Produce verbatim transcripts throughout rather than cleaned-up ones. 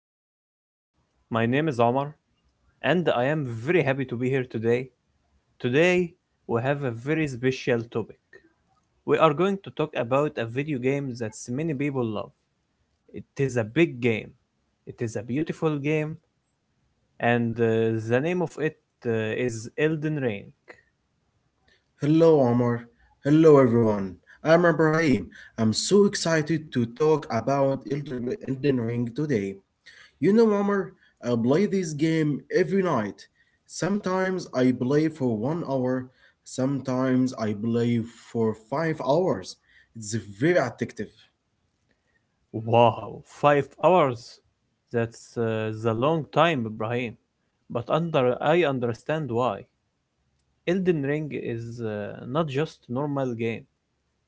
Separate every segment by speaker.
Speaker 1: podcast. My name is Omar, and I am very happy to be here today. Today, we have a very special topic. We are going to talk about a video game that many people love. It is a big game, it is a beautiful game, and uh, the name of it uh, is Elden Ring.
Speaker 2: Hello, Omar. Hello, everyone. I'm Ibrahim. I'm so excited to talk about Elder- Elden Ring today. You know, Omar, I play this game every night. Sometimes I play for one hour, sometimes I play for five hours. It's very addictive.
Speaker 1: Wow, five hours! That's uh, the long time, Ibrahim. But under, I understand why. Elden Ring is uh, not just normal game.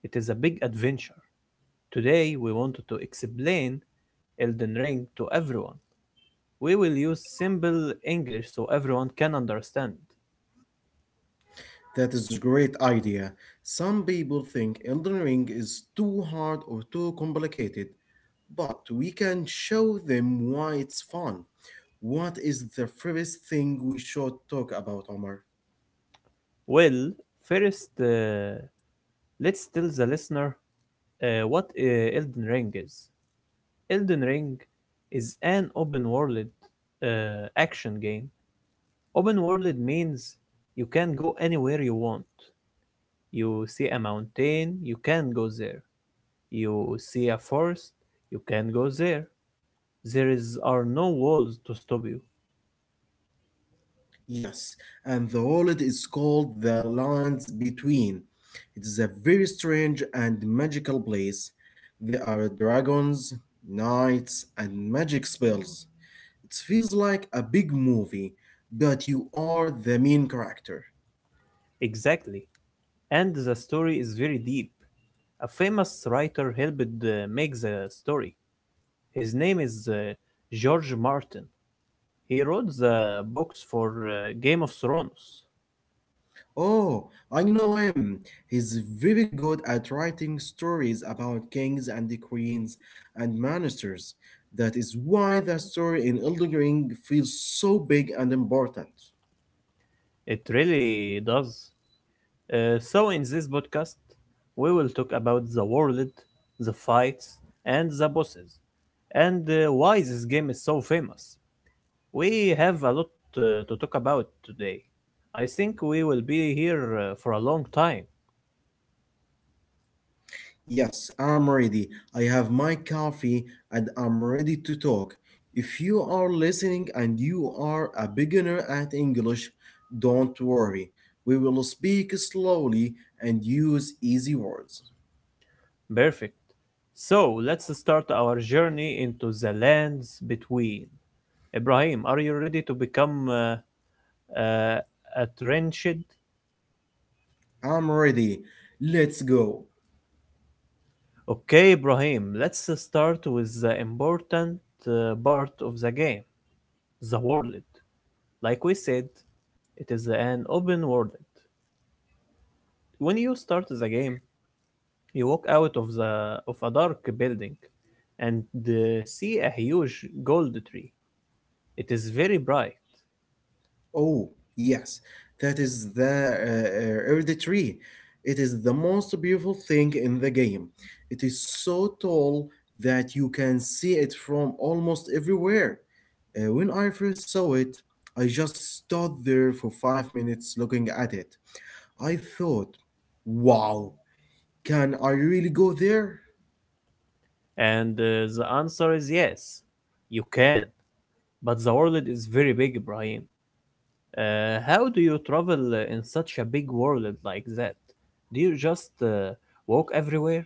Speaker 1: It is a big adventure. Today we wanted to explain Elden Ring to everyone. We will use simple English so everyone can understand.
Speaker 2: That is a great idea. Some people think Elden Ring is too hard or too complicated, but we can show them why it's fun. What is the first thing we should talk about, Omar?
Speaker 1: Well, first, uh, let's tell the listener uh, what uh, Elden Ring is. Elden Ring is an open world uh, action game. Open world means you can go anywhere you want. You see a mountain, you can go there. You see a forest, you can go there. There is, are no walls to stop you.
Speaker 2: Yes, and the wallet is called the Lands Between. It is a very strange and magical place. There are dragons, knights, and magic spells. It feels like a big movie, but you are the main character.
Speaker 1: Exactly. And the story is very deep. A famous writer helped uh, make the story. His name is uh, George Martin. He wrote the books for uh, Game of Thrones.
Speaker 2: Oh, I know him. He's very good at writing stories about kings and the queens and ministers. That is why the story in Elden Ring feels so big and important.
Speaker 1: It really does. Uh, so in this podcast, we will talk about the world, the fights, and the bosses, and uh, why this game is so famous. We have a lot uh, to talk about today. I think we will be here uh, for a long time.
Speaker 2: Yes, I'm ready. I have my coffee and I'm ready to talk. If you are listening and you are a beginner at English, don't worry. We will speak slowly and use easy words.
Speaker 1: Perfect. So let's start our journey into the lands between. Ibrahim, are you ready to become uh, uh, a trenched?
Speaker 2: I'm ready. Let's go.
Speaker 1: Okay, Ibrahim, let's uh, start with the important uh, part of the game, the world. Like we said, it is an open world. When you start the game, you walk out of, the, of a dark building and uh, see a huge gold tree. It is very bright.
Speaker 2: Oh, yes, that is the uh, uh, Erd tree. It is the most beautiful thing in the game. It is so tall that you can see it from almost everywhere. Uh, when I first saw it, I just stood there for five minutes looking at it. I thought, wow, can I really go there?
Speaker 1: And uh, the answer is yes, you can. But the world is very big, Ibrahim. Uh, how do you travel uh, in such a big world like that? Do you just uh, walk everywhere?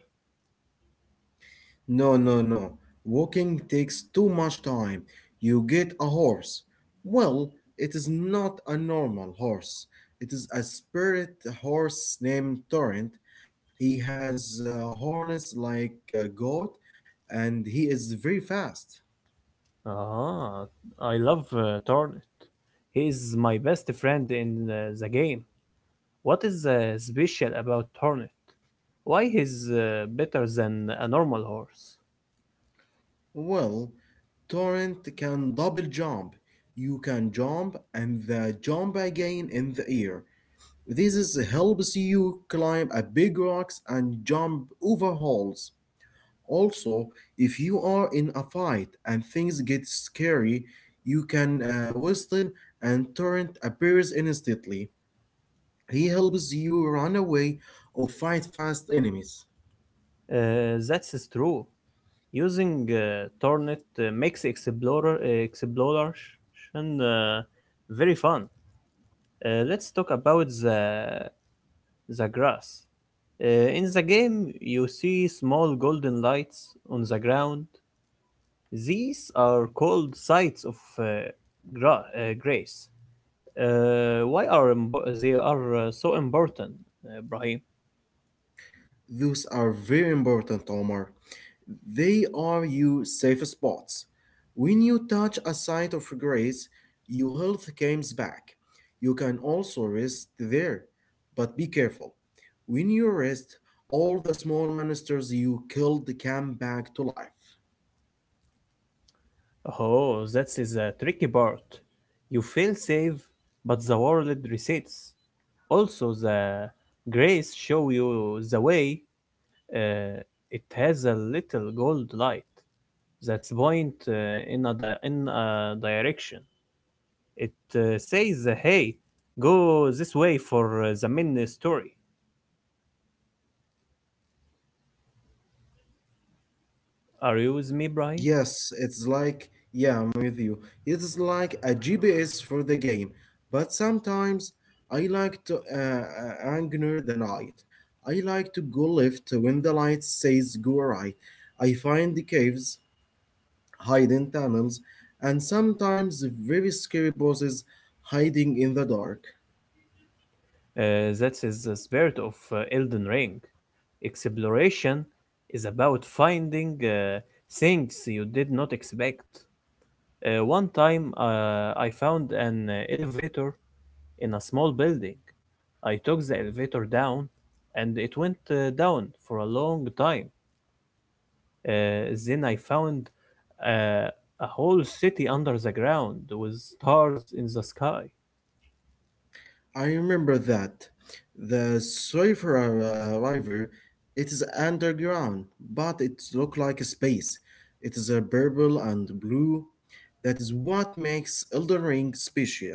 Speaker 2: No, no, no. Walking takes too much time. You get a horse. Well, it is not a normal horse. It is a spirit horse named Torrent. He has uh, horns like a goat and he is very fast.
Speaker 1: Ah, I love uh, Tornet. He is my best friend in uh, the game. What is uh, special about Tornet? Why he's uh, better than a normal horse?
Speaker 2: Well, Torrent can double jump. You can jump and the jump again in the air. This is helps you climb a big rocks and jump over holes. Also, if you are in a fight and things get scary, you can uh, whistle and Torrent appears instantly. He helps you run away or fight fast enemies.
Speaker 1: Uh, that's true. Using uh, Tornet uh, makes explorer uh, exploration uh, very fun. Uh, let's talk about the the grass. Uh, in the game, you see small golden lights on the ground. These are called sites of uh, gra- uh, grace. Uh, why are impo- they are uh, so important, uh, Brahim?
Speaker 2: Those are very important, Omar. They are your safe spots. When you touch a site of grace, your health comes back. You can also rest there, but be careful. When you rest, all the small monsters you killed come back to life.
Speaker 1: Oh, that is a tricky part. You feel safe, but the world resets. Also, the grace show you the way. Uh, it has a little gold light that's point uh, in a di- in a direction. It uh, says, uh, "Hey, go this way for uh, the main story." Are you with me, Brian?
Speaker 2: Yes, it's like, yeah, I'm with you. It's like a G P S for the game, but sometimes I like to uh, uh, anchor the night. I like to go left when the light says go right. I find the caves, hidden tunnels, and sometimes very scary bosses hiding in the dark.
Speaker 1: Uh, that is the spirit of uh, Elden Ring. Exploration is about finding uh, things you did not expect. Uh, one time, uh, I found an uh, elevator in a small building. I took the elevator down, and it went uh, down for a long time. Uh, then I found uh, a whole city under the ground with stars in the sky.
Speaker 2: I remember that. The Swayfer uh, River, it is underground, but it looks like a space. It is a purple and blue. That is what makes Elden Ring special.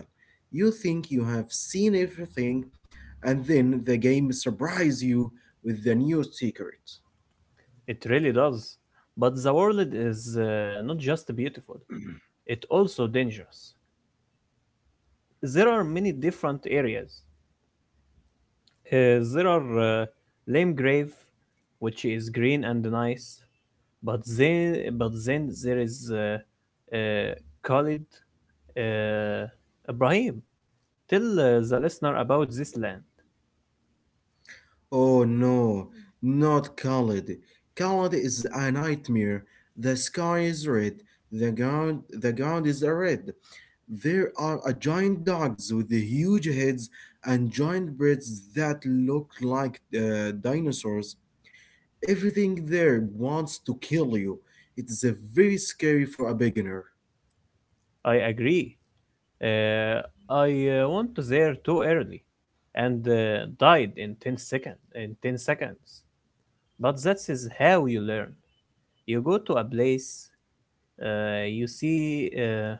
Speaker 2: You think you have seen everything, and then the game surprises you with the new secret.
Speaker 1: It really does. But the world is uh, not just beautiful, it's also dangerous. There are many different areas. Uh, there are uh, Lame Grave, which is green and nice, but then, but then there is uh, uh, Khalid, uh, Ibrahim. Tell uh, the listener about this land.
Speaker 2: Oh no, not Khalid. Khalid is a nightmare. The sky is red. The ground, the ground is red. There are a giant dogs with huge heads and giant breasts that look like uh, dinosaurs. Everything there wants to kill you. It is a very scary for a beginner.
Speaker 1: I agree. Uh, I uh, went there too early and uh, died in ten second, in ten seconds. But that is how you learn. You go to a place, uh, you see uh,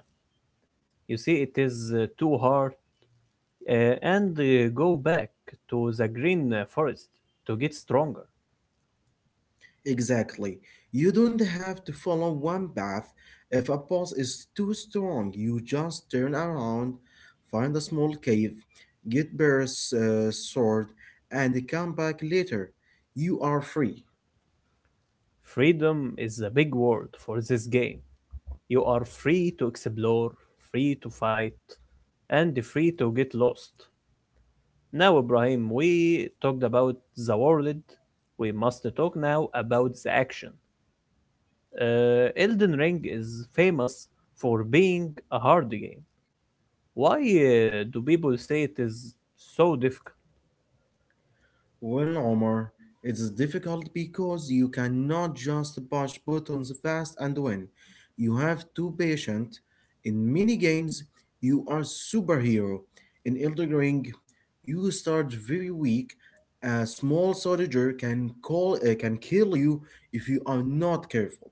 Speaker 1: you see it is uh, too hard uh, and uh, go back to the green uh, forest to get stronger.
Speaker 2: Exactly. You don't have to follow one path. If a boss is too strong, you just turn around, find a small cave, get Bear's uh, sword, and come back later. You are free.
Speaker 1: Freedom is a big word for this game. You are free to explore, free to fight, and free to get lost. Now, Ibrahim, we talked about the world. We must talk now about the action. Uh, Elden Ring is famous for being a hard game. Why uh, do people say it is so difficult?
Speaker 2: Well, Omar, it's difficult because you cannot just push buttons fast and win. You have to patient. In many games, you are superhero. In Elder Ring, you start very weak. A small soldier can call uh, can kill you if you are not careful.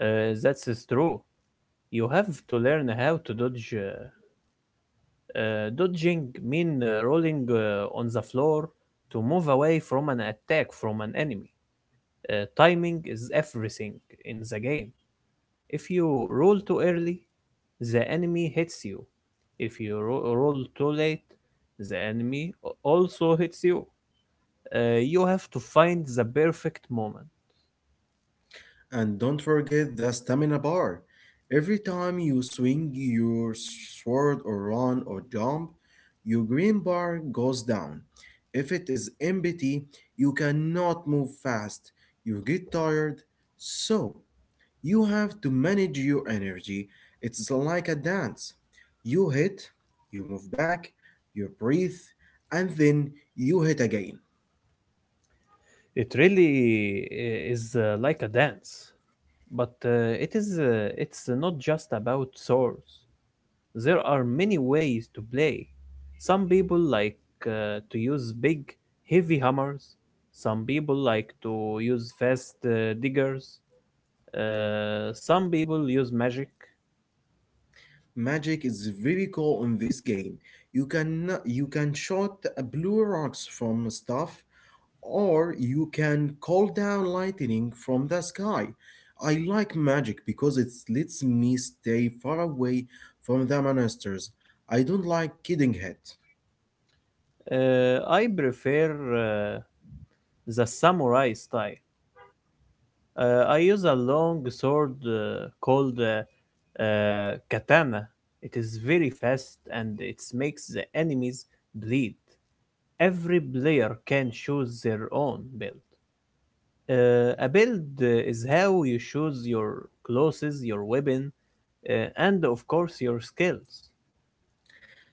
Speaker 1: Uh, that's is true. You have to learn how to dodge. Uh, uh, dodging mean uh, rolling uh, on the floor to move away from an attack from an enemy. Uh, timing is everything in the game. If you roll too early, the enemy hits you. If you ro- roll too late, the enemy a- also hits you. Uh, you have to find the perfect moment.
Speaker 2: And don't forget the stamina bar. Every time you swing your sword or run or jump, your green bar goes down. If it is empty, you cannot move fast. You get tired. So, you have to manage your energy. It's like a dance. You hit, you move back, you breathe, and then you hit again.
Speaker 1: It really i- is uh, like a dance, but uh, it is uh, it's not just about swords. There are many ways to play. Some people like uh, to use big, heavy hammers. Some people like to use fast uh, diggers. Uh, some people use magic.
Speaker 2: Magic is very cool in this game. You can you can shoot uh, blue rocks from stuff, or you can call down lightning from the sky. I like magic because it lets me stay far away from the monsters. I don't like getting hit.
Speaker 1: Uh, I prefer uh, the samurai style. Uh, I use a long sword uh, called uh, uh, katana. It is very fast and it makes the enemies bleed. Every player can choose their own build. Uh, a build uh, is how you choose your clothes, your weapon, uh, and of course your skills.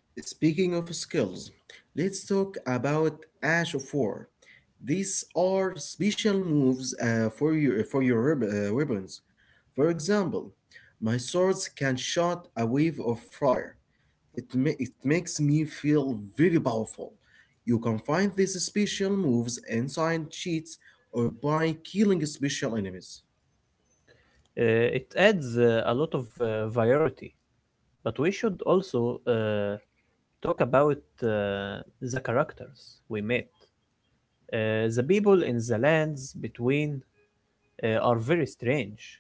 Speaker 2: Speaking of skills, let's talk about Ash of War. These are special moves uh, for your for your rib- uh, ribbons. For example, my swords can shot a wave of fire. It ma- it makes me feel very powerful. You can find these special moves inside cheats or by killing special enemies.
Speaker 1: Uh, it adds uh, a lot of uh, variety. But we should also uh, talk about uh, the characters we met. Uh, the people in the lands between uh, are very strange.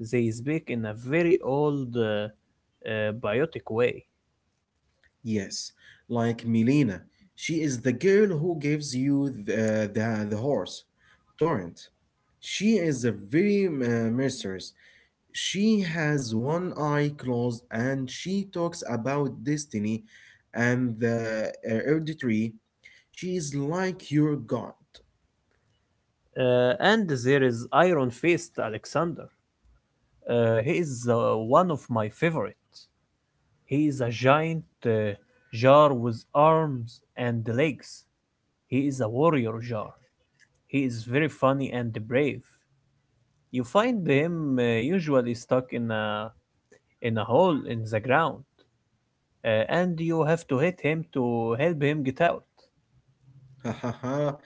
Speaker 1: They speak in a very old, uh, uh, biotic way.
Speaker 2: Yes, like Milena. She is the girl who gives you the, the, the horse. Torrent. She is a very uh, mercerous. She has one eye closed and she talks about destiny and the uh, hereditary. She is like your god.
Speaker 1: Uh, and there is Iron Fist Alexander. Uh, he is uh, one of my favorites. He is a giant uh, jar with arms and legs. He is a warrior jar. He is very funny and brave. You find them uh, usually stuck in a in a hole in the ground, uh, and you have to hit him to help him get out.
Speaker 2: Ha ha ha.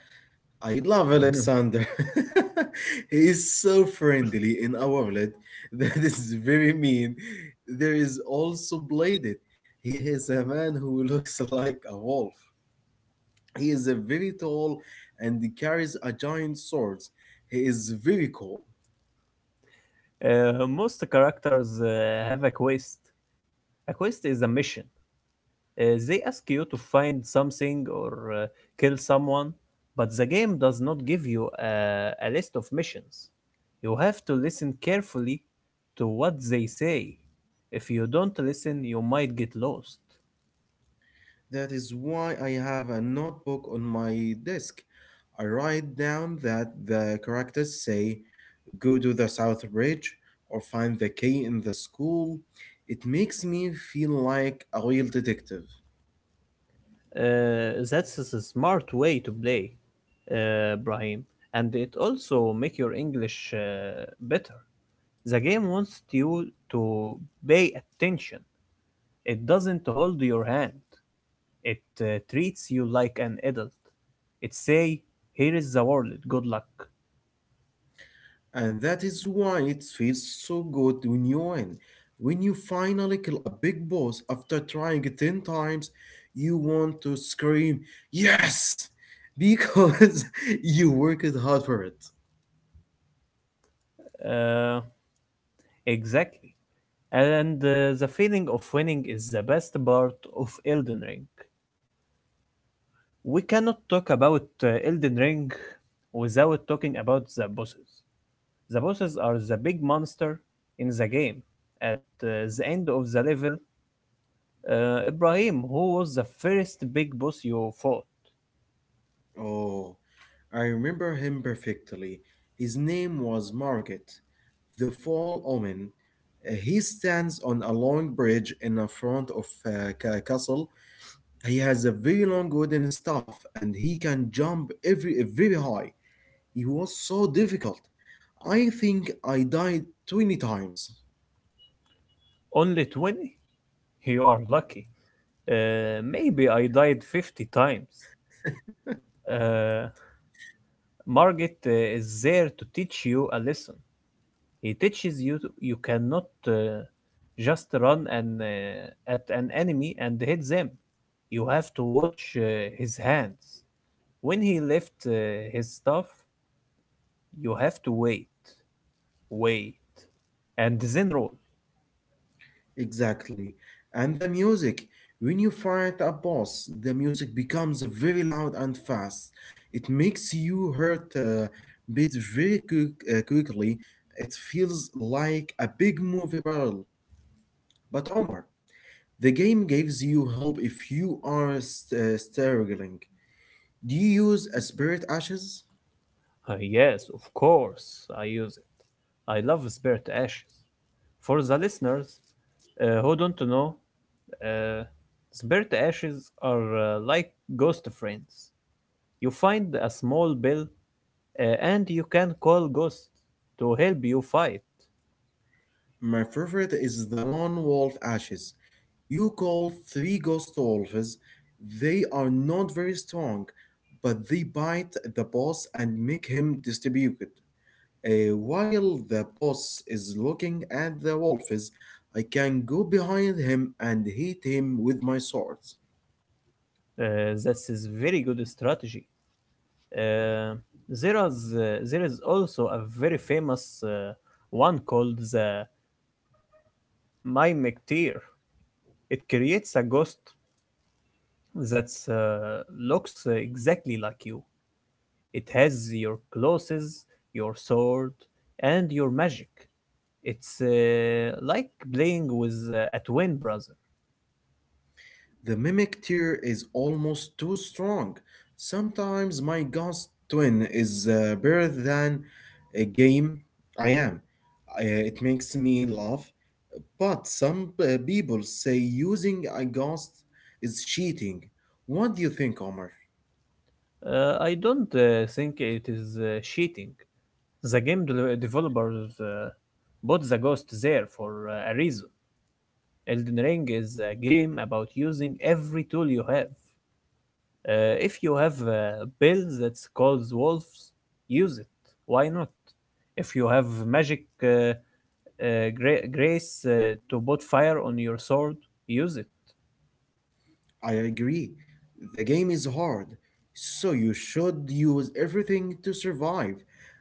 Speaker 2: I love Alexander. He is so friendly in our world that is very mean. There is also Bladed. He is a man who looks like a wolf. He is uh, very tall and he carries a giant sword. He is very cool.
Speaker 1: Uh, most characters uh, have a quest. A quest is a mission. Uh, they ask you to find something or uh, kill someone, but the game does not give you a, a list of missions. You have to listen carefully to what they say. If you don't listen, you might get lost.
Speaker 2: That is why I have a notebook on my desk. I write down that the characters say, go to the south bridge or find the key in the school. It makes me feel like a real detective.
Speaker 1: Uh, that's a smart way to play, uh, Brahim, and it also make your English uh, better. The game wants you to pay attention. It doesn't hold your hand. It uh, treats you like an adult. It say, "Here is the world. Good luck."
Speaker 2: And that is why it feels so good when you win. When you finally kill a big boss after trying ten times, you want to scream, yes! Because you worked hard for it.
Speaker 1: Uh, exactly. And uh, the feeling of winning is the best part of Elden Ring. We cannot talk about uh, Elden Ring without talking about the bosses. The bosses are the big monster in the game. At uh, the end of the level, uh, Ibrahim, who was the first big boss you fought?
Speaker 2: Oh, I remember him perfectly. His name was Margit, the Fall Omen. Uh, He stands on a long bridge in the front of a ca- castle. He has a very long wooden staff and he can jump every very high. He was so difficult. I think I died twenty times.
Speaker 1: Only twenty? You are lucky. Uh, maybe I died fifty times. Uh, Margit uh, is there to teach you a lesson. He teaches you to- you cannot uh, just run and uh, at an enemy and hit them. You have to watch uh, his hands. When he left uh, his stuff, you have to wait, wait, and then roll.
Speaker 2: Exactly. And the music. When you fight a boss, the music becomes very loud and fast. It makes you hurt a bit very quick, uh, quickly. It feels like a big movie barrel. But Omar, the game gives you help if you are st- uh, struggling. Do you use a spirit ashes?
Speaker 1: "Ah, yes, of course, I use it. I love spirit ashes. For the listeners uh, who don't know, uh, spare ashes are uh, like ghost friends. You find a small bill uh, and you can call ghosts to help you fight.
Speaker 2: My favorite is the lone wolf ashes. You call three ghost wolves. They are not very strong, but they bite the boss and make him distributed. Uh, while the boss is looking at the wolves, I can go behind him and hit him with my sword.
Speaker 1: Uh, that is very good strategy. Uh, there is uh, there is also a very famous uh, one called the My McTeer. It creates a ghost that uh, looks uh, exactly like you. It has your clothes, your sword, and your magic. It's uh, like playing with uh, a twin brother.
Speaker 2: The mimic tier is almost too strong. Sometimes my ghost twin is uh, better than a game I am. Uh, it makes me laugh. But some uh, people say using a ghost is cheating. What do you think, Omar?
Speaker 1: Uh, I don't uh, think it is uh, cheating. The game de- developers uh, bought the ghost there for uh, a reason. Elden Ring is a game about using every tool you have. Uh, if you have a build that calls wolves, use it. Why not? If you have magic uh, uh, gra- grace uh, to put fire on your sword, use it.
Speaker 2: I agree. The game is hard, so you should use everything to survive.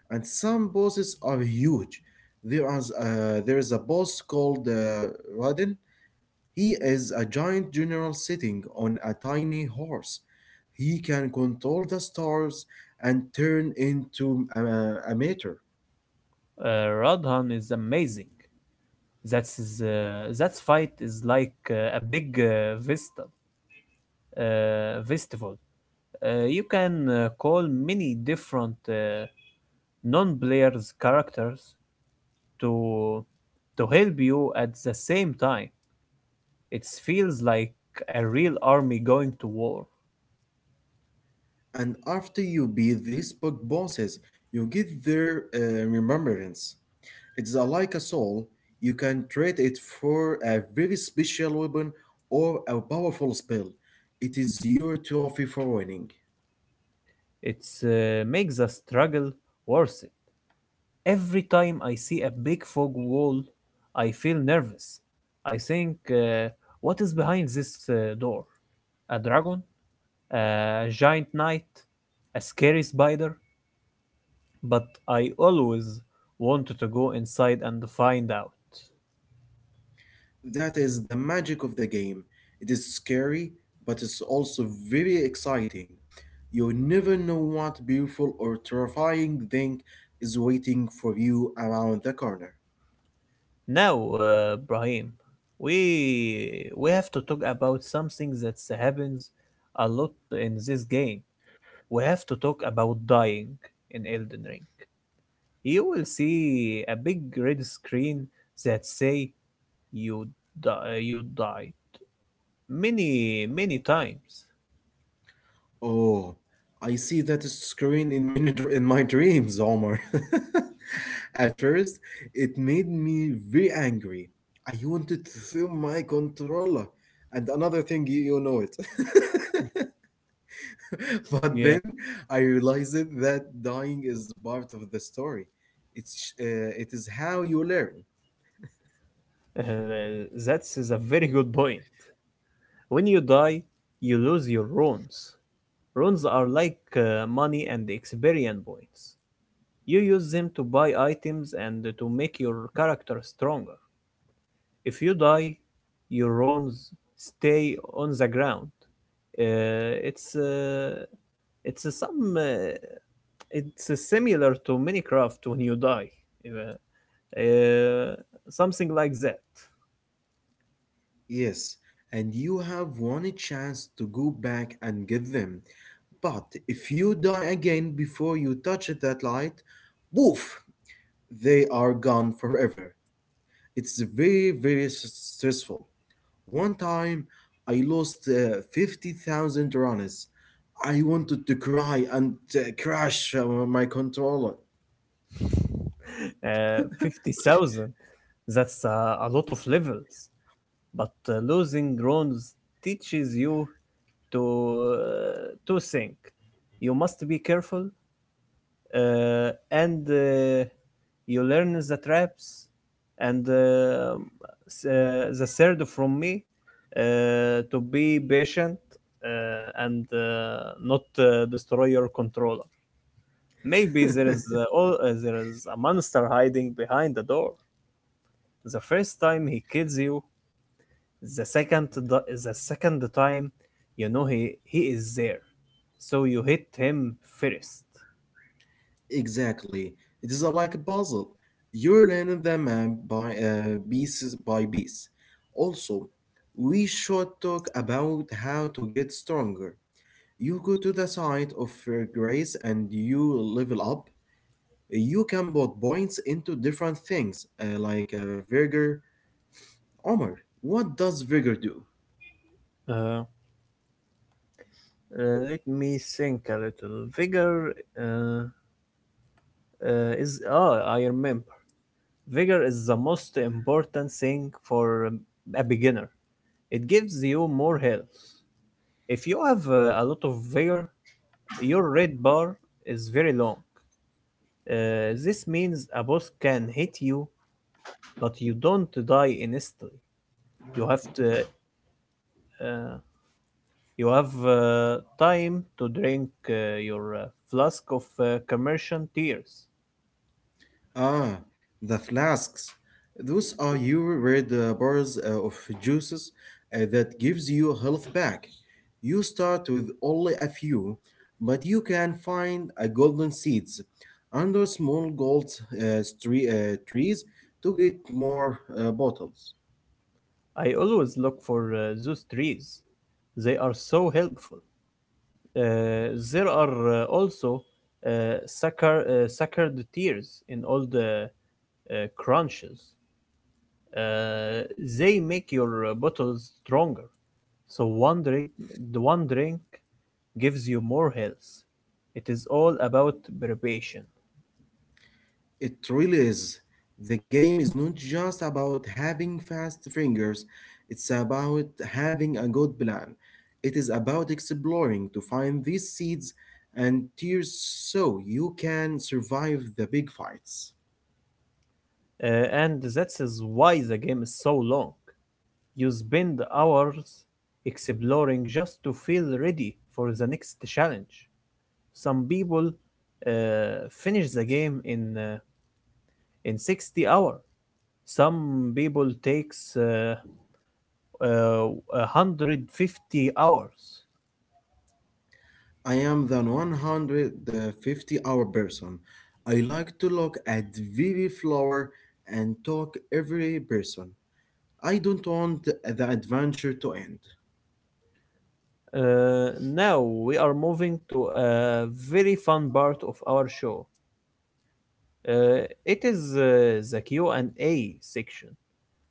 Speaker 2: And some bosses are huge. There is, uh, there is a boss called uh, Radin. He is a giant general sitting on a tiny horse. He can control the stars and turn into a, a meter.
Speaker 1: Uh, Radhan is amazing. That's his, uh, that fight is like uh, a big uh, vista, uh, festival. Uh, you can uh, call many different uh, non-players characters to to help you at the same time. It feels like a real army going to war.
Speaker 2: And after you beat these big bosses, you get their uh, remembrance. It's a- like a soul. You can trade it for a very special weapon or a powerful spell. It is your trophy for winning.
Speaker 1: It uh, makes the struggle worse. Every time I see a big fog wall, I feel nervous. I think, uh, what is behind this uh, door? A dragon? A giant knight? A scary spider? But I always wanted to go inside and find out.
Speaker 2: That is the magic of the game. It is scary, but it's also very exciting. You never know what beautiful or terrifying thing is waiting for you around the corner.
Speaker 1: Now, uh, Brahim, we we have to talk about something that happens a lot in this game. We have to talk about dying in Elden Ring. You will see a big red screen that say you die, you die many many times.
Speaker 2: Oh, I see that screen in, many, dr- in my dreams, Omar. At first, it made me very angry. I wanted to throw my controller, and another thing, you you know it. But
Speaker 1: Yeah,
Speaker 2: then I realized that dying is part of the story. It's uh, it is how you learn.
Speaker 1: uh, that's is a very good point. When you die, you lose your runes. Runes are like uh, money and experience points. You use them to buy items and to make your character stronger. If you die, your runes stay on the ground. Uh, it's uh, it's uh, some uh, it's uh, similar to Minecraft when you die, uh, uh, something like that.
Speaker 2: Yes, and you have one chance to go back and give them. But if you die again before you touch that light, woof, they are gone forever. It's very very s- stressful. One time, I lost uh, fifty thousand runners. I wanted to cry and uh, crash uh, my controller.
Speaker 1: Uh, fifty thousand. That's uh, a lot of levels. But uh, losing rounds teaches you to uh, to think. You must be careful, uh, and uh, you learn the traps. And uh, s- uh, the third from me uh, to be patient, uh, and uh, not uh, destroy your controller. Maybe there is uh, all, uh, there is a monster hiding behind the door. The first time he kills you, the second di- the second time you know he he is there. So you hit him first.
Speaker 2: Exactly. It is a, like a puzzle. You're learning the map by uh, pieces by piece. Also, we should talk about how to get stronger. You go to the side of uh, grace and you level up. You can put points into different things, uh, like uh, vigor. Omar, what does vigor do?
Speaker 1: Uh, uh, Let me think a little. Vigor uh, uh, is ah I remember. Vigor is the most important thing for um, a beginner. It gives you more health. If you have uh, a lot of vigor, your red bar is very long. Uh, this means a boss can hit you but you don't die instantly. You have to uh, you have uh, time to drink uh, your uh, flask of uh, commercial tears.
Speaker 2: Ah, the flasks. Those are your red uh, bars uh, of juices uh, that gives you health back. You start with only a few, but you can find a golden seeds under small gold uh, stre- uh, trees to get more uh, bottles.
Speaker 1: I always look for uh, those trees. They are so helpful. Uh, there are uh, also uh, sucker, uh, suckered tears in all the uh, crunches. Uh, they make your uh, bottles stronger. So one drink, the one drink gives you more health. It is all about preparation.
Speaker 2: It really is. The game is not just about having fast fingers, it's about having a good plan. It is about exploring to find these seeds and tears so you can survive the big fights.
Speaker 1: Uh, and that is why the game is so long. You spend hours exploring just to feel ready for the next challenge. Some people uh, finish the game in uh, in sixty hours. Some people takes uh, uh, a hundred fifty hours.
Speaker 2: I am the a hundred fifty hour person. I like to look at Vivi Flower and talk every person. I don't want the adventure to end.
Speaker 1: Uh, now we are moving to a very fun part of our show. Uh, it is uh, the Q and A section.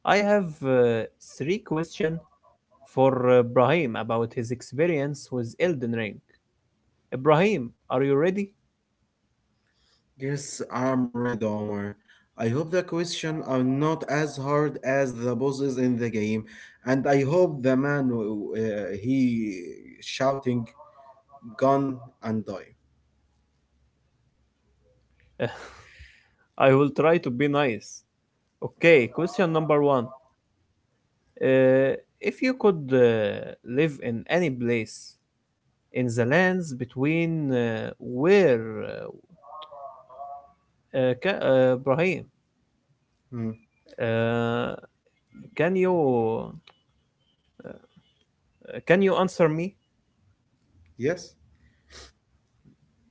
Speaker 1: I have uh, three questions for uh, Brahim about his experience with Elden Ring. Uh, Brahim, are you ready?
Speaker 2: Yes, I'm ready, Omar. I hope the questions are not as hard as the bosses in the game, and I hope the man who, uh, he shouting gone and die.
Speaker 1: I will try to be nice. Okay, question number one. Uh, if you could uh, live in any place in the lands between, uh, where, uh, uh, ca- uh, Brahim,
Speaker 2: Hmm,
Speaker 1: uh, can you uh, can you answer me?
Speaker 2: yes,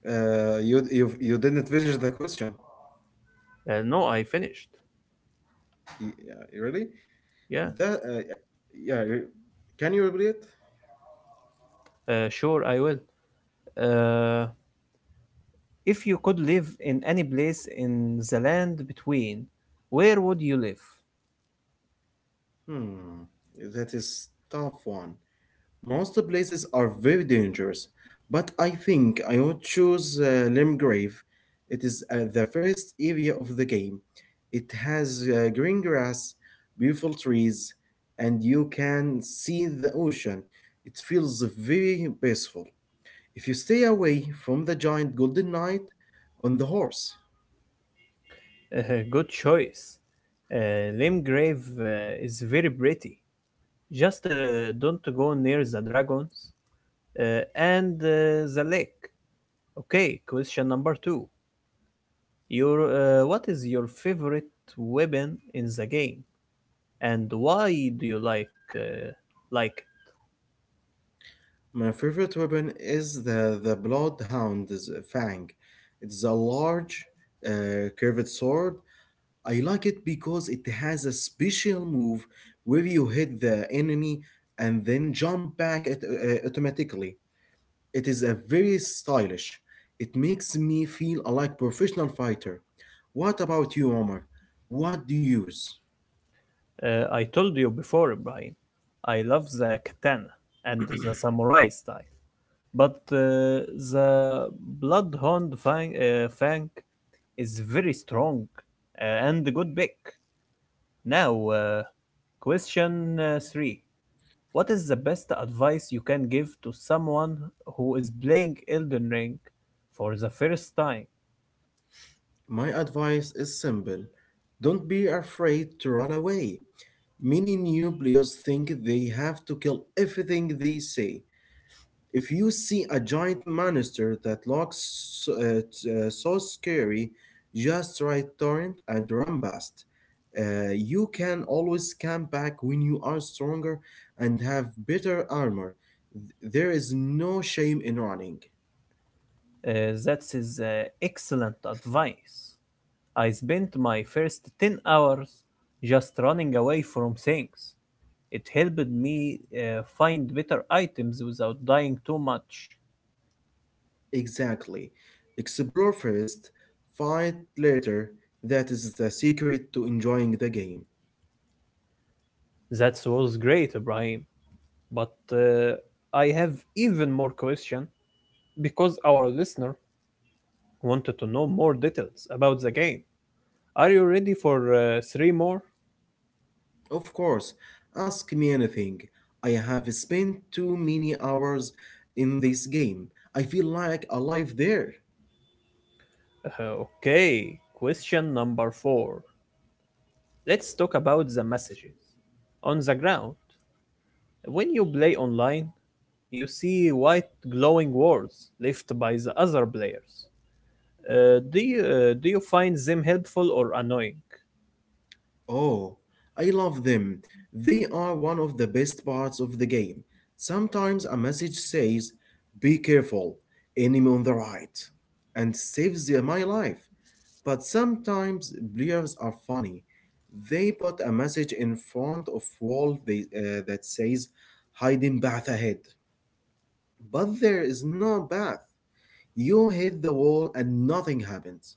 Speaker 2: uh, you, you you didn't finish the question.
Speaker 1: Uh, no, I finished.
Speaker 2: Y- yeah, really?
Speaker 1: Yeah,
Speaker 2: The uh, uh, yeah, re- can you elaborate?
Speaker 1: uh, sure, I will. Uh, if you could live in any place in the land between, where would you live?
Speaker 2: Hmm, that is tough one. Most places are very dangerous, but I think I would choose uh, Limgrave. It is uh, the first area of the game. It has uh, green grass, beautiful trees, and you can see the ocean. It feels very peaceful. If you stay away from the giant golden knight on the horse.
Speaker 1: Uh, Good choice. Uh, Limgrave uh, is very pretty. Just uh, don't go near the dragons uh, and uh, the lake. Okay, question number two. Your uh, What is your favorite weapon in the game, and why do you like uh, like.
Speaker 2: My favorite weapon is the, the Bloodhound's Fang. It's a large, uh, curved sword. I like it because it has a special move where you hit the enemy and then jump back at, uh, uh, automatically. It is a very stylish. It makes me feel like professional fighter. What about you, Omar? What do you use?
Speaker 1: Uh, I told you before, Brian, I love the katana and the samurai style, but uh, the bloodhound fang, uh, fang is very strong uh, and a good pick. Now, uh, question uh, three. What is the best advice you can give to someone who is playing Elden Ring for the first time?
Speaker 2: My advice is simple. Don't be afraid to run away. Many new players think they have to kill everything they say. If you see a giant monster that looks so, uh, t- uh, so scary, just try torrent and run past. Uh, you can always come back when you are stronger and have better armor. Th- There is no shame in running.
Speaker 1: Uh, that is uh, excellent advice. I spent my first ten hours just running away from things. It helped me uh, find better items without dying too much.
Speaker 2: Exactly. Explore first, fight later. That is the secret to enjoying the game.
Speaker 1: That was great, Ibrahim. But uh, I have even more question because our listener wanted to know more details about the game. Are you ready for uh, three more?
Speaker 2: Of course, ask me anything. I have spent too many hours in this game. I feel like alive there.
Speaker 1: Uh, okay, question number four. Let's talk about the messages. On the ground, when you play online, you see white glowing words left by the other players. Uh, do you uh, do you find them helpful or annoying?
Speaker 2: Oh, I love them. They are one of the best parts of the game. Sometimes a message says, "Be careful, enemy on the right," and saves the- my life. But sometimes players are funny. They put a message in front of wall they, uh, that says, "Hiding path ahead." But there is no path. You hit the wall and nothing happens.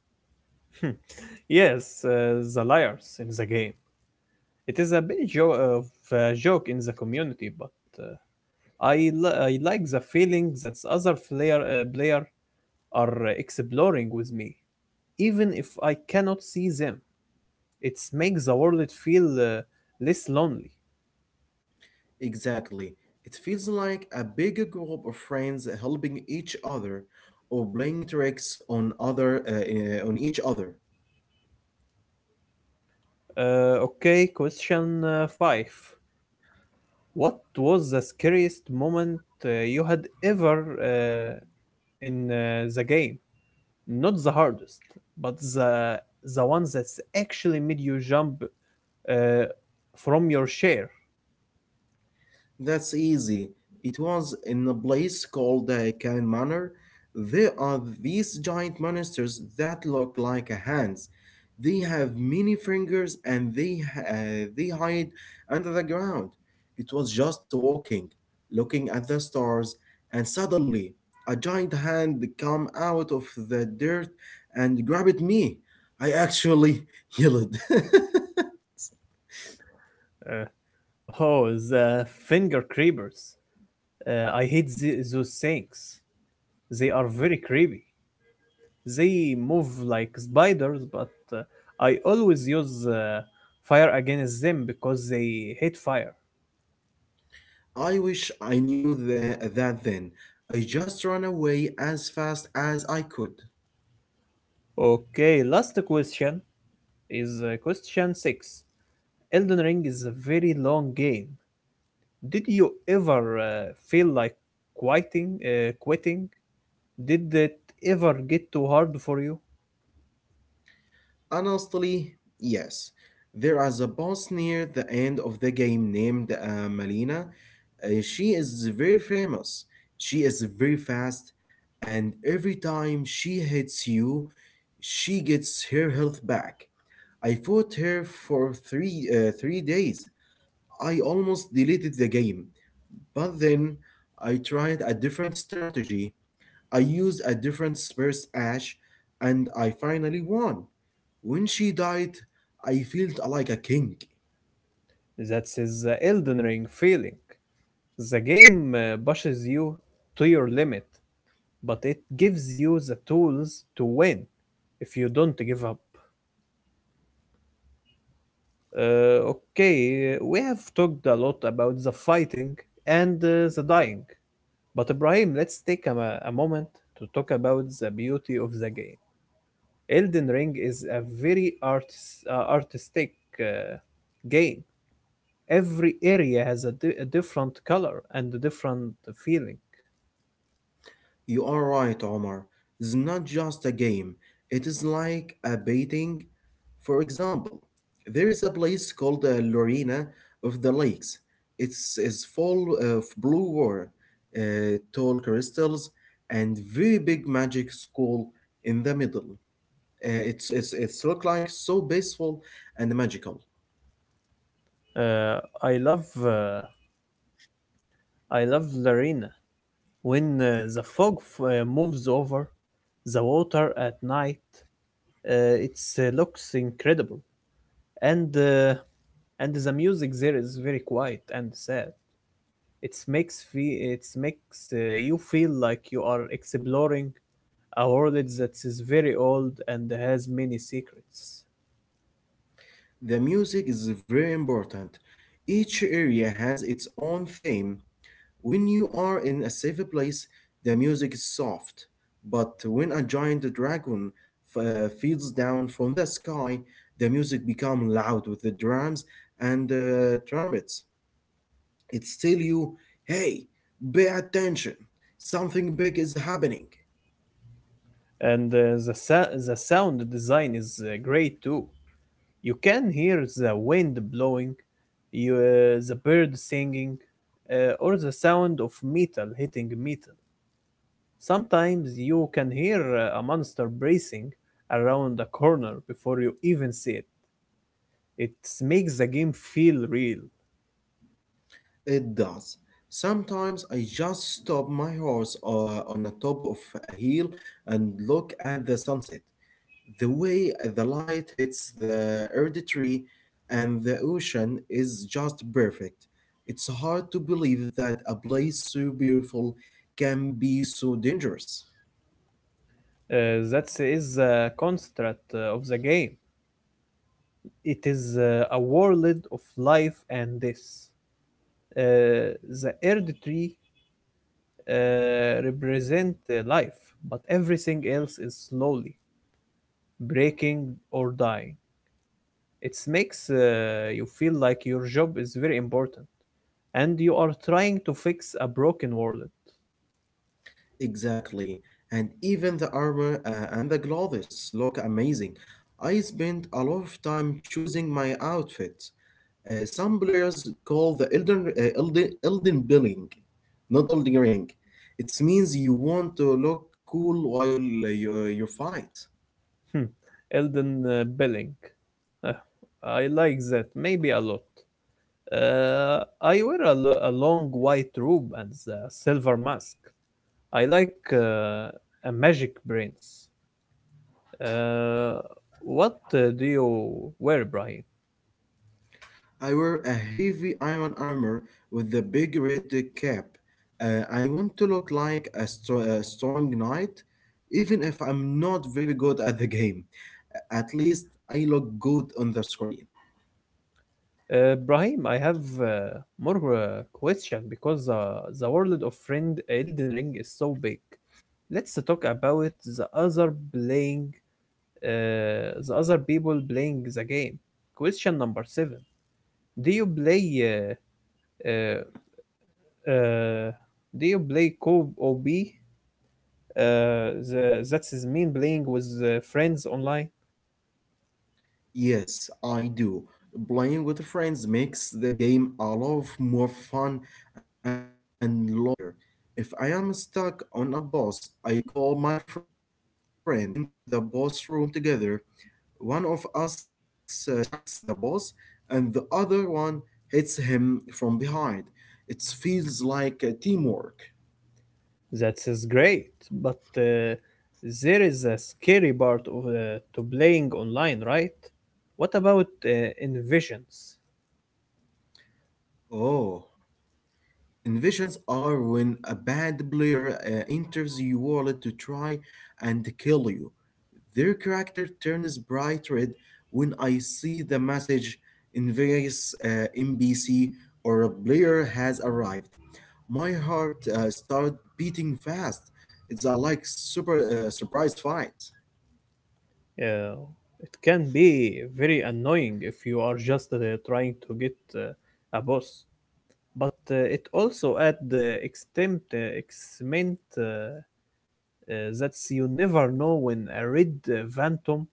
Speaker 1: Yes, uh, the liars in the game. It is a bit jo- of a joke in the community, but uh, I li- I like the feeling that the other player uh, player are uh, exploring with me, even if I cannot see them. It makes the world feel uh, less lonely.
Speaker 2: Exactly. It feels like a big group of friends helping each other or playing tricks on other uh, eh, on each other.
Speaker 1: Uh, okay, question uh, five. What was the scariest moment uh, you had ever uh, in uh, the game? Not the hardest, but the the one that's actually made you jump uh, from your chair.
Speaker 2: That's easy. It was in a place called the Cayman Manor. There are these giant monsters that look like hands. They have many fingers and they uh, they hide under the ground. It was just walking, looking at the stars, and suddenly a giant hand come out of the dirt and grabbed me. I actually yelled.
Speaker 1: Uh, oh, the finger creepers! Uh, I hate the, those things. They are very creepy. They move like spiders, but uh, I always use uh, fire against them because they hate fire.
Speaker 2: I wish I knew the that then. I just ran away as fast as I could.
Speaker 1: Okay, last question is uh, question six. Elden Ring is a very long game. Did you ever uh, feel like quitting? Uh, quitting? Did it ever get too hard for you?
Speaker 2: Honestly, yes. There is a boss near the end of the game named uh, Malina. Uh, she is very famous. She is very fast, and every time she hits you, she gets her health back. I fought her for three uh, three days. I almost deleted the game, but then I tried a different strategy. I used a different Spurs Ash, and I finally won. When she died, I felt like a king.
Speaker 1: That is the Elden Ring feeling. The game uh, pushes you to your limit, but it gives you the tools to win if you don't give up. Uh, okay, we have talked a lot about the fighting and uh, the dying. But Ibrahim, let's take a, mo- a moment to talk about the beauty of the game. Elden Ring is a very artis- uh, artistic uh, game. Every area has a, di- a different color and a different feeling.
Speaker 2: You are right, Omar. It's not just a game, it is like a baiting. For example, there is a place called uh, Lorena of the Lakes. It's, is full of blue water, uh, tall crystals, and very big magic school in the middle. Uh, it's, it's, it's look like so peaceful and magical.
Speaker 1: Uh, I love uh, I love Larina when uh, the fog f- uh, moves over the water at night. Uh, it uh, looks incredible, and uh, and the music there is very quiet and sad. It makes fe- it makes uh, you feel like you are exploring a world that is very old and has many secrets.
Speaker 2: The music is very important. Each area has its own theme. When you are in a safe place, the music is soft, but when a giant dragon f- uh, falls down from the sky, the music becomes loud with the drums and uh, trumpets. It tells you, hey, pay attention, something big is happening.
Speaker 1: And uh, the sa- the sound design is uh, great too. You can hear the wind blowing, you uh, the bird singing, uh, or the sound of metal hitting metal. Sometimes you can hear uh, a monster bracing around a corner before you even see it. It makes the game feel real.
Speaker 2: It does. Sometimes I just stop my horse uh, on the top of a hill and look at the sunset. The way the light hits the earth and the ocean is just perfect. It's hard to believe that a place so beautiful can be so dangerous.
Speaker 1: Uh, that is the construct uh, of the game. It is uh, a world of life and death. Uh, the earth tree uh, represent uh, life, but everything else is slowly breaking or dying. It makes uh, you feel like your job is very important, and you are trying to fix a broken world.
Speaker 2: Exactly. And even the armor uh, and the gloves look amazing. I spent a lot of time choosing my outfit. Uh, some players call the Elden, uh, Elden, Elden Billing, not Elden Ring. It means you want to look cool while uh, you, you fight.
Speaker 1: Hmm. Elden uh, Belling. Ah, I like that, maybe a lot. Uh, I wear a, lo- a long white robe and a silver mask. I like uh, a magic brains. Uh, what uh, do you wear, Brahim?
Speaker 2: I wear a heavy iron armor with a big red cap. Uh, I want to look like a, str- a strong knight, even if I'm not very good at the game. A- At least I look good on the screen.
Speaker 1: Uh, Brahim, I have uh, more uh, question because uh, the world of friend Elden Ring is so big. Let's talk about the other playing, uh, the other people playing the game. Question number seven: Do you play uh, uh, Uh, do you play co O B? Uh, the, that is mean playing with uh, friends online.
Speaker 2: Yes, I do. Playing with friends makes the game a lot more fun and lot easier. If I am stuck on a boss, I call my friend. We enter the boss room together. One of us uh, distracts the boss, and the other one hits him from behind. It feels like uh, teamwork.
Speaker 1: That is great, but uh, there is a scary part of, uh, to playing online, right? What about uh, invasions?
Speaker 2: Oh, invasions are when a bad player uh, enters your world to try and kill you. Their character turns bright red when I see the message, "Invious uh, N P C or a player has arrived." My heart uh, started beating fast. It's a like super uh, surprise fight.
Speaker 1: Uh, it can be very annoying if you are just uh, trying to get uh, a boss, but uh, it also adds the extent, uh, excitement, uh, uh, that's you never know when a red uh, phantom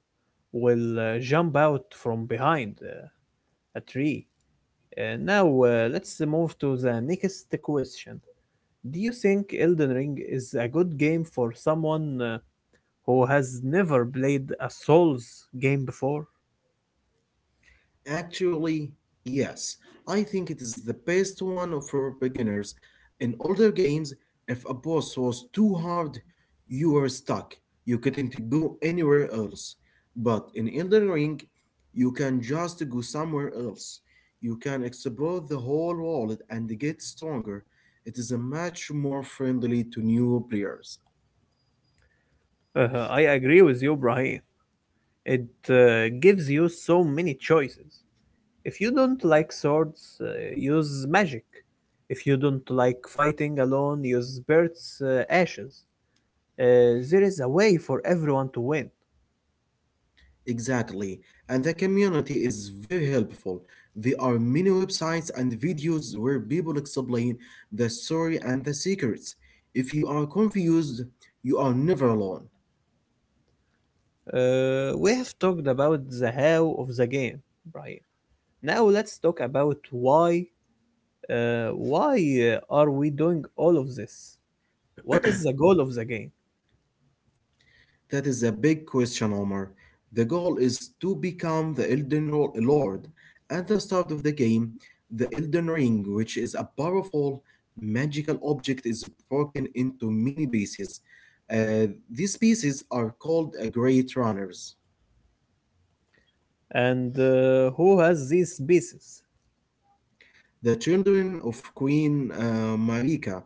Speaker 1: will uh, jump out from behind uh, a tree. Uh, now uh, let's move to the next question. Do you think Elden Ring is a good game for someone uh, who has never played a Souls game before?
Speaker 2: Actually, yes. I think it is the best one for beginners. In older games, if a boss was too hard, you were stuck. You couldn't go anywhere else. But in Elden Ring, you can just go somewhere else. You can explore the whole world and get stronger. It is a much more friendly to new players.
Speaker 1: Uh, I agree with you, Brahim. It uh, gives you so many choices. If you don't like swords, uh, use magic. If you don't like fighting alone, use Bert's uh, ashes. Uh, there is a way for everyone to win.
Speaker 2: Exactly, and the community is very helpful. There are many websites and videos where people explain the story and the secrets. If you are confused, you are never alone.
Speaker 1: Uh, we have talked about the how of the game, right? Now let's talk about why uh, why uh, are we doing all of this? What is the goal of the game?
Speaker 2: That is a big question, Omar. The goal is to become the Elden Ro- Lord. At the start of the game, the Elden Ring, which is a powerful magical object, is broken into many pieces. Uh, these pieces are called uh, Great Runners.
Speaker 1: And uh, who has these species?
Speaker 2: The children of Queen uh, Marika,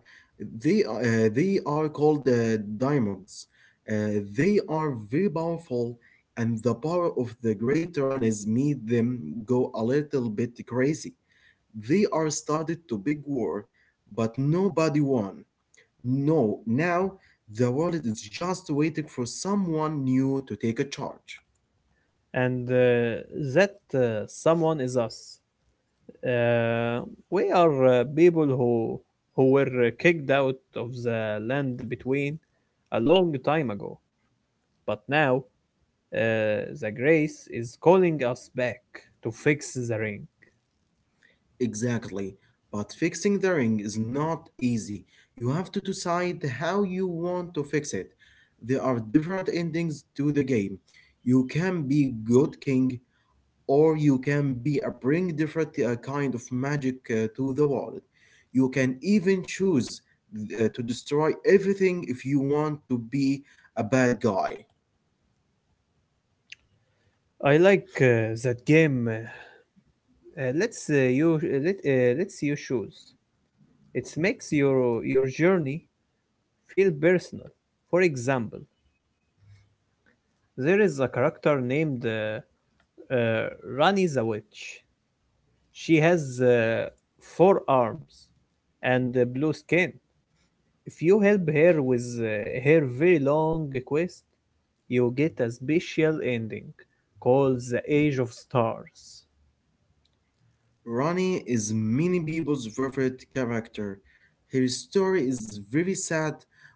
Speaker 2: they, uh, they are called uh, Daimogs. Uh, they are very powerful, and the power of the great tyrannies made them go a little bit crazy. They are started to big war, but nobody won. No, now the world is just waiting for someone new to take a charge.
Speaker 1: And uh, that uh, someone is us. Uh, we are uh, people who who were uh, kicked out of the land between a long time ago, but now Uh, the grace is calling us back to fix the ring.
Speaker 2: Exactly. But fixing the ring is not easy. You have to decide how you want to fix it. There are different endings to the game. You can be good king, or you can be a bring different uh, kind of magic uh, to the world. You can even choose uh, to destroy everything if you want to be a bad guy.
Speaker 1: I like uh, that game. Uh, uh, let's uh, you uh, let, uh, let's you choose. It makes your your journey feel personal. For example, there is a character named uh, uh, Rani the Witch. She has uh, four arms and uh, blue skin. If you help her with uh, her very long quest, you get a special ending called the Age of Stars.
Speaker 2: Ronnie is many people's favorite character. Her story is very sad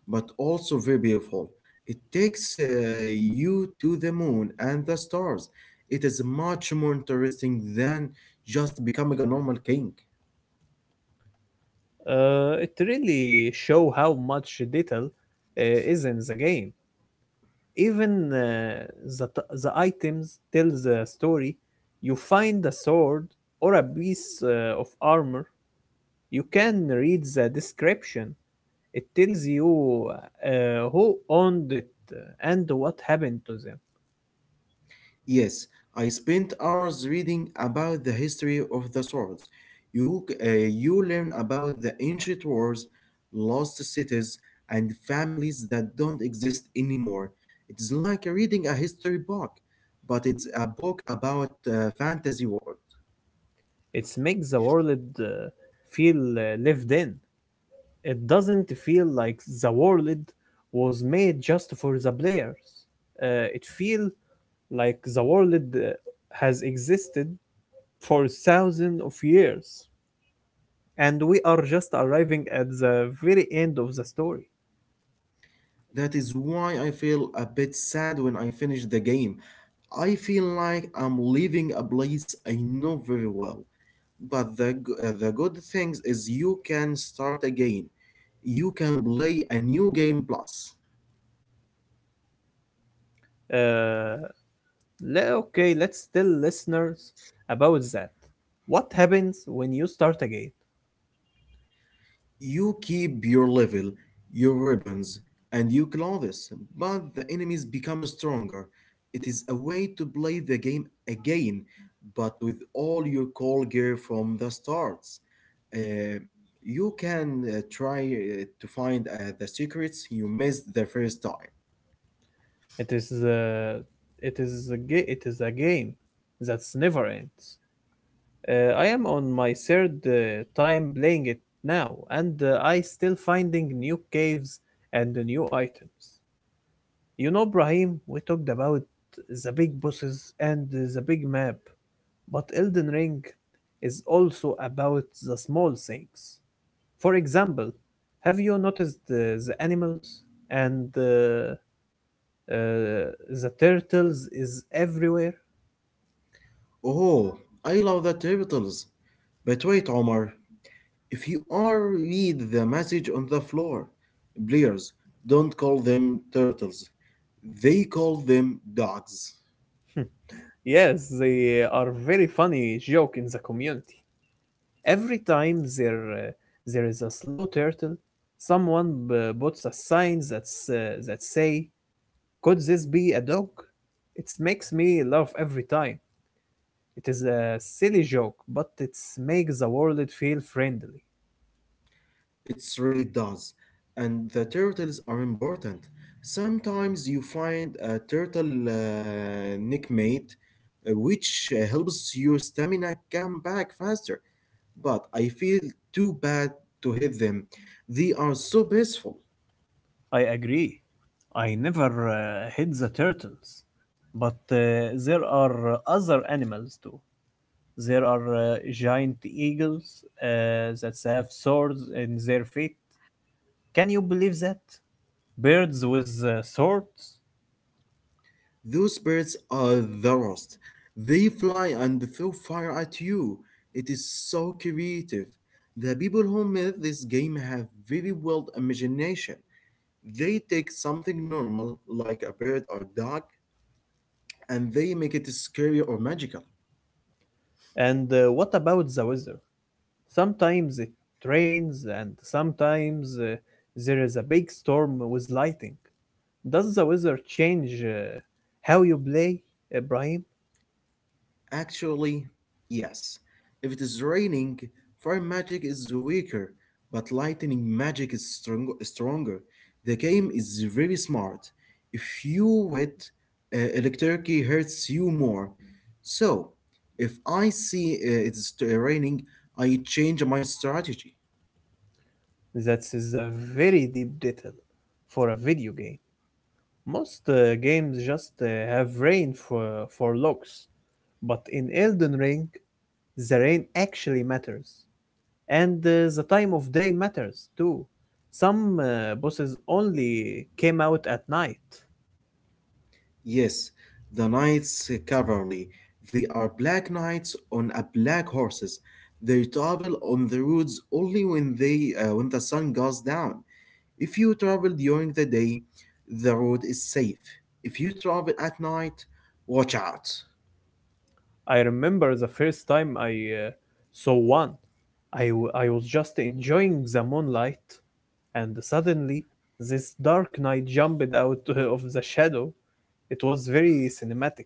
Speaker 2: but also very beautiful. It takes uh, you to the moon and the stars. It is much more interesting than just becoming a normal king.
Speaker 1: Uh, it really show how much detail uh, is in the game. Even uh, the, t- the items tell the story. You find a sword or a piece uh, of armor. You can read the description. It tells you uh, who owned it and what happened to them.
Speaker 2: Yes, I spent hours reading about the history of the swords. You, uh, you learn about the ancient wars, lost cities, and families that don't exist anymore. It's like reading a history book, but it's a book about uh, fantasy world.
Speaker 1: It makes the world uh, feel uh, lived in. It doesn't feel like the world was made just for the players. Uh, it feels like the world uh, has existed for thousands of years, and we are just arriving at the very end of the story.
Speaker 2: That is why I feel a bit sad when I finish the game. I feel like I'm leaving a place I know very well. But the, g- uh, the good thing is you can start again. You can play a new game plus.
Speaker 1: Uh, le- okay, let's tell listeners about that. What happens when you start again?
Speaker 2: You keep your level, your ribbons, and your clothes, but the enemies become stronger. It is a way to play the game again, but with all your core gear from the starts. Uh, you can uh, try uh, to find uh, the secrets you missed the first time.
Speaker 1: It is uh, it is a ga- it is a game that's never ends. Uh, I am on my third uh, time playing it now, and uh, I still finding new caves and new items. You know, Brahim, we talked about the big bosses and the big map, but Elden Ring is also about the small things. For example, have you noticed uh, the animals and uh, uh, the turtles is everywhere?
Speaker 2: Oh, I love the turtles. But wait, Omar, if you are read the message on the floor, players don't call them turtles. They call them dogs.
Speaker 1: Yes, they are very funny joke in the community. Every time there uh, there is a slow turtle, someone b- puts a sign that's uh, that say, "Could this be a dog?" It makes me laugh every time. It is a silly joke, but it makes the world feel friendly.
Speaker 2: It's really does. And the turtles are important. Sometimes you find a turtle uh, nickmate, uh, which uh, helps your stamina come back faster. But I feel too bad to hit them. They are so peaceful.
Speaker 1: I agree. I never uh, hit the turtles, but uh, there are other animals too. There are uh, giant eagles uh, that have swords in their feet. Can you believe that? Birds with uh, swords?
Speaker 2: Those birds are the worst. They fly and throw fire at you. It is so creative. The people who made this game have very wild imagination. They take something normal, like a bird or dog, and they make it scary or magical.
Speaker 1: And uh, what about the weather? Sometimes it rains, and sometimes uh, there is a big storm with lightning. Does the weather change uh, how you play, Ibrahim?
Speaker 2: Actually, yes. If it is raining, fire magic is weaker, but lightning magic is strong- stronger. The game is very smart. If you wet, uh, electricity hurts you more. So, if I see uh, it's t- raining, I change my strategy.
Speaker 1: That is a very deep detail for a video game. Most uh, games just uh, have rain for, for logs, but in Elden Ring, the rain actually matters, and uh, the time of day matters too. Some uh, bosses only came out at night.
Speaker 2: Yes, the knights cavalry. They are black knights on a black horses. They travel on the roads only when they uh, when the sun goes down. If you travel during the day, the road is safe. If you travel at night, watch out.
Speaker 1: I remember the first time I uh, saw one. I, w- I was just enjoying the moonlight, and suddenly this dark knight jumped out of the shadow. It was very cinematic.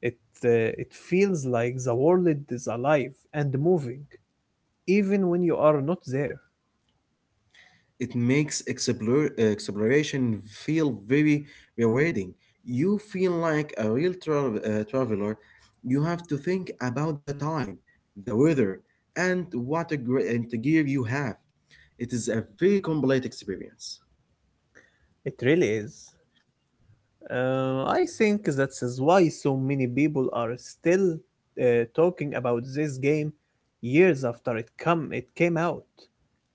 Speaker 1: It, uh, it feels like the world is alive and moving, even when you are not there.
Speaker 2: It makes explore, uh, exploration feel very rewarding. You feel like a real tra- uh, traveler. You have to think about the time, the weather, and what a great gear you have. It is a very complete experience.
Speaker 1: It really is. Uh, I think that is why so many people are still uh, talking about this game years after it come it came out.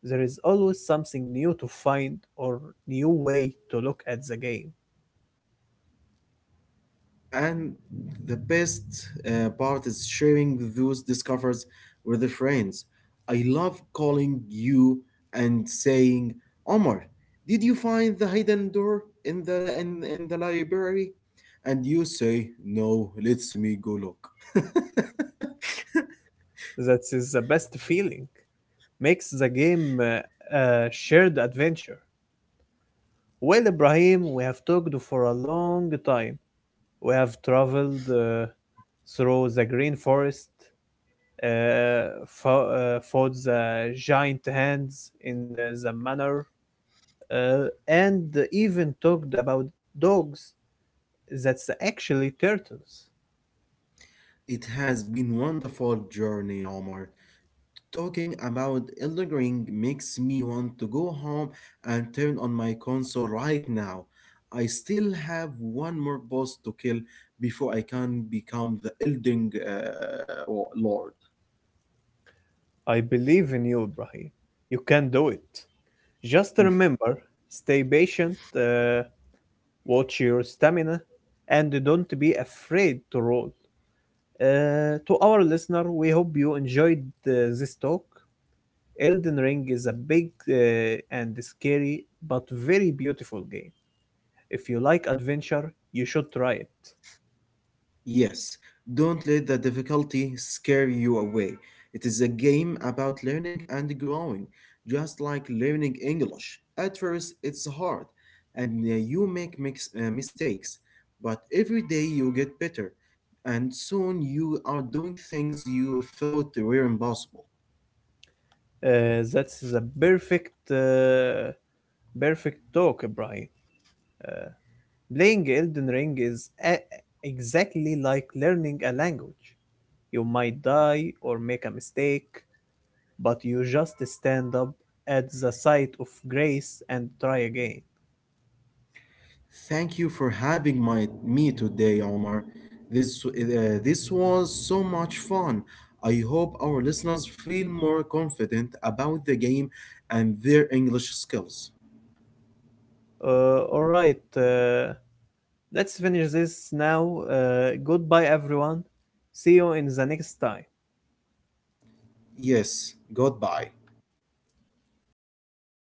Speaker 1: There is always something new to find or new way to look at the game.
Speaker 2: And the best uh, part is sharing those discoveries with the friends. I love calling you and saying, "Omar, did you find the hidden door in the in, in the library?" And you say, "No, let's me go look."
Speaker 1: That is the best feeling. Makes the game uh, a shared adventure. Well, Ibrahim, we have talked for a long time. We have traveled uh, through the green forest, uh, fo- uh, fought the giant hands in uh, the manor, uh, and even talked about dogs that's actually turtles.
Speaker 2: It has been wonderful journey, Omar. Talking about Elden Ring makes me want to go home and turn on my console right now. I still have one more boss to kill before I can become the Elden uh, Lord.
Speaker 1: I believe in you, Ibrahim. You can do it. Just remember, stay patient, uh, watch your stamina, and don't be afraid to roll. Uh, to our listener, we hope you enjoyed uh, this talk. Elden Ring is a big uh, and scary but very beautiful game. If you like adventure, you should try it.
Speaker 2: Yes, don't let the difficulty scare you away. It is a game about learning and growing, just like learning English. At first, it's hard, and uh, you make mix, uh, mistakes, but every day you get better, and soon you are doing things you thought were impossible.
Speaker 1: Uh, that's the perfect, uh, perfect talk, Brian. Uh, Playing Elden Ring is a- exactly like learning a language. You might die or make a mistake, but you just stand up at the sight of grace and try again.
Speaker 2: Thank you for having my me today, Omar. This uh, this was so much fun. I hope our listeners feel more confident about the game and their English skills.
Speaker 1: Uh, all right, uh, let's finish this now. Uh, goodbye, everyone. See you in the next time.
Speaker 2: Yes, goodbye.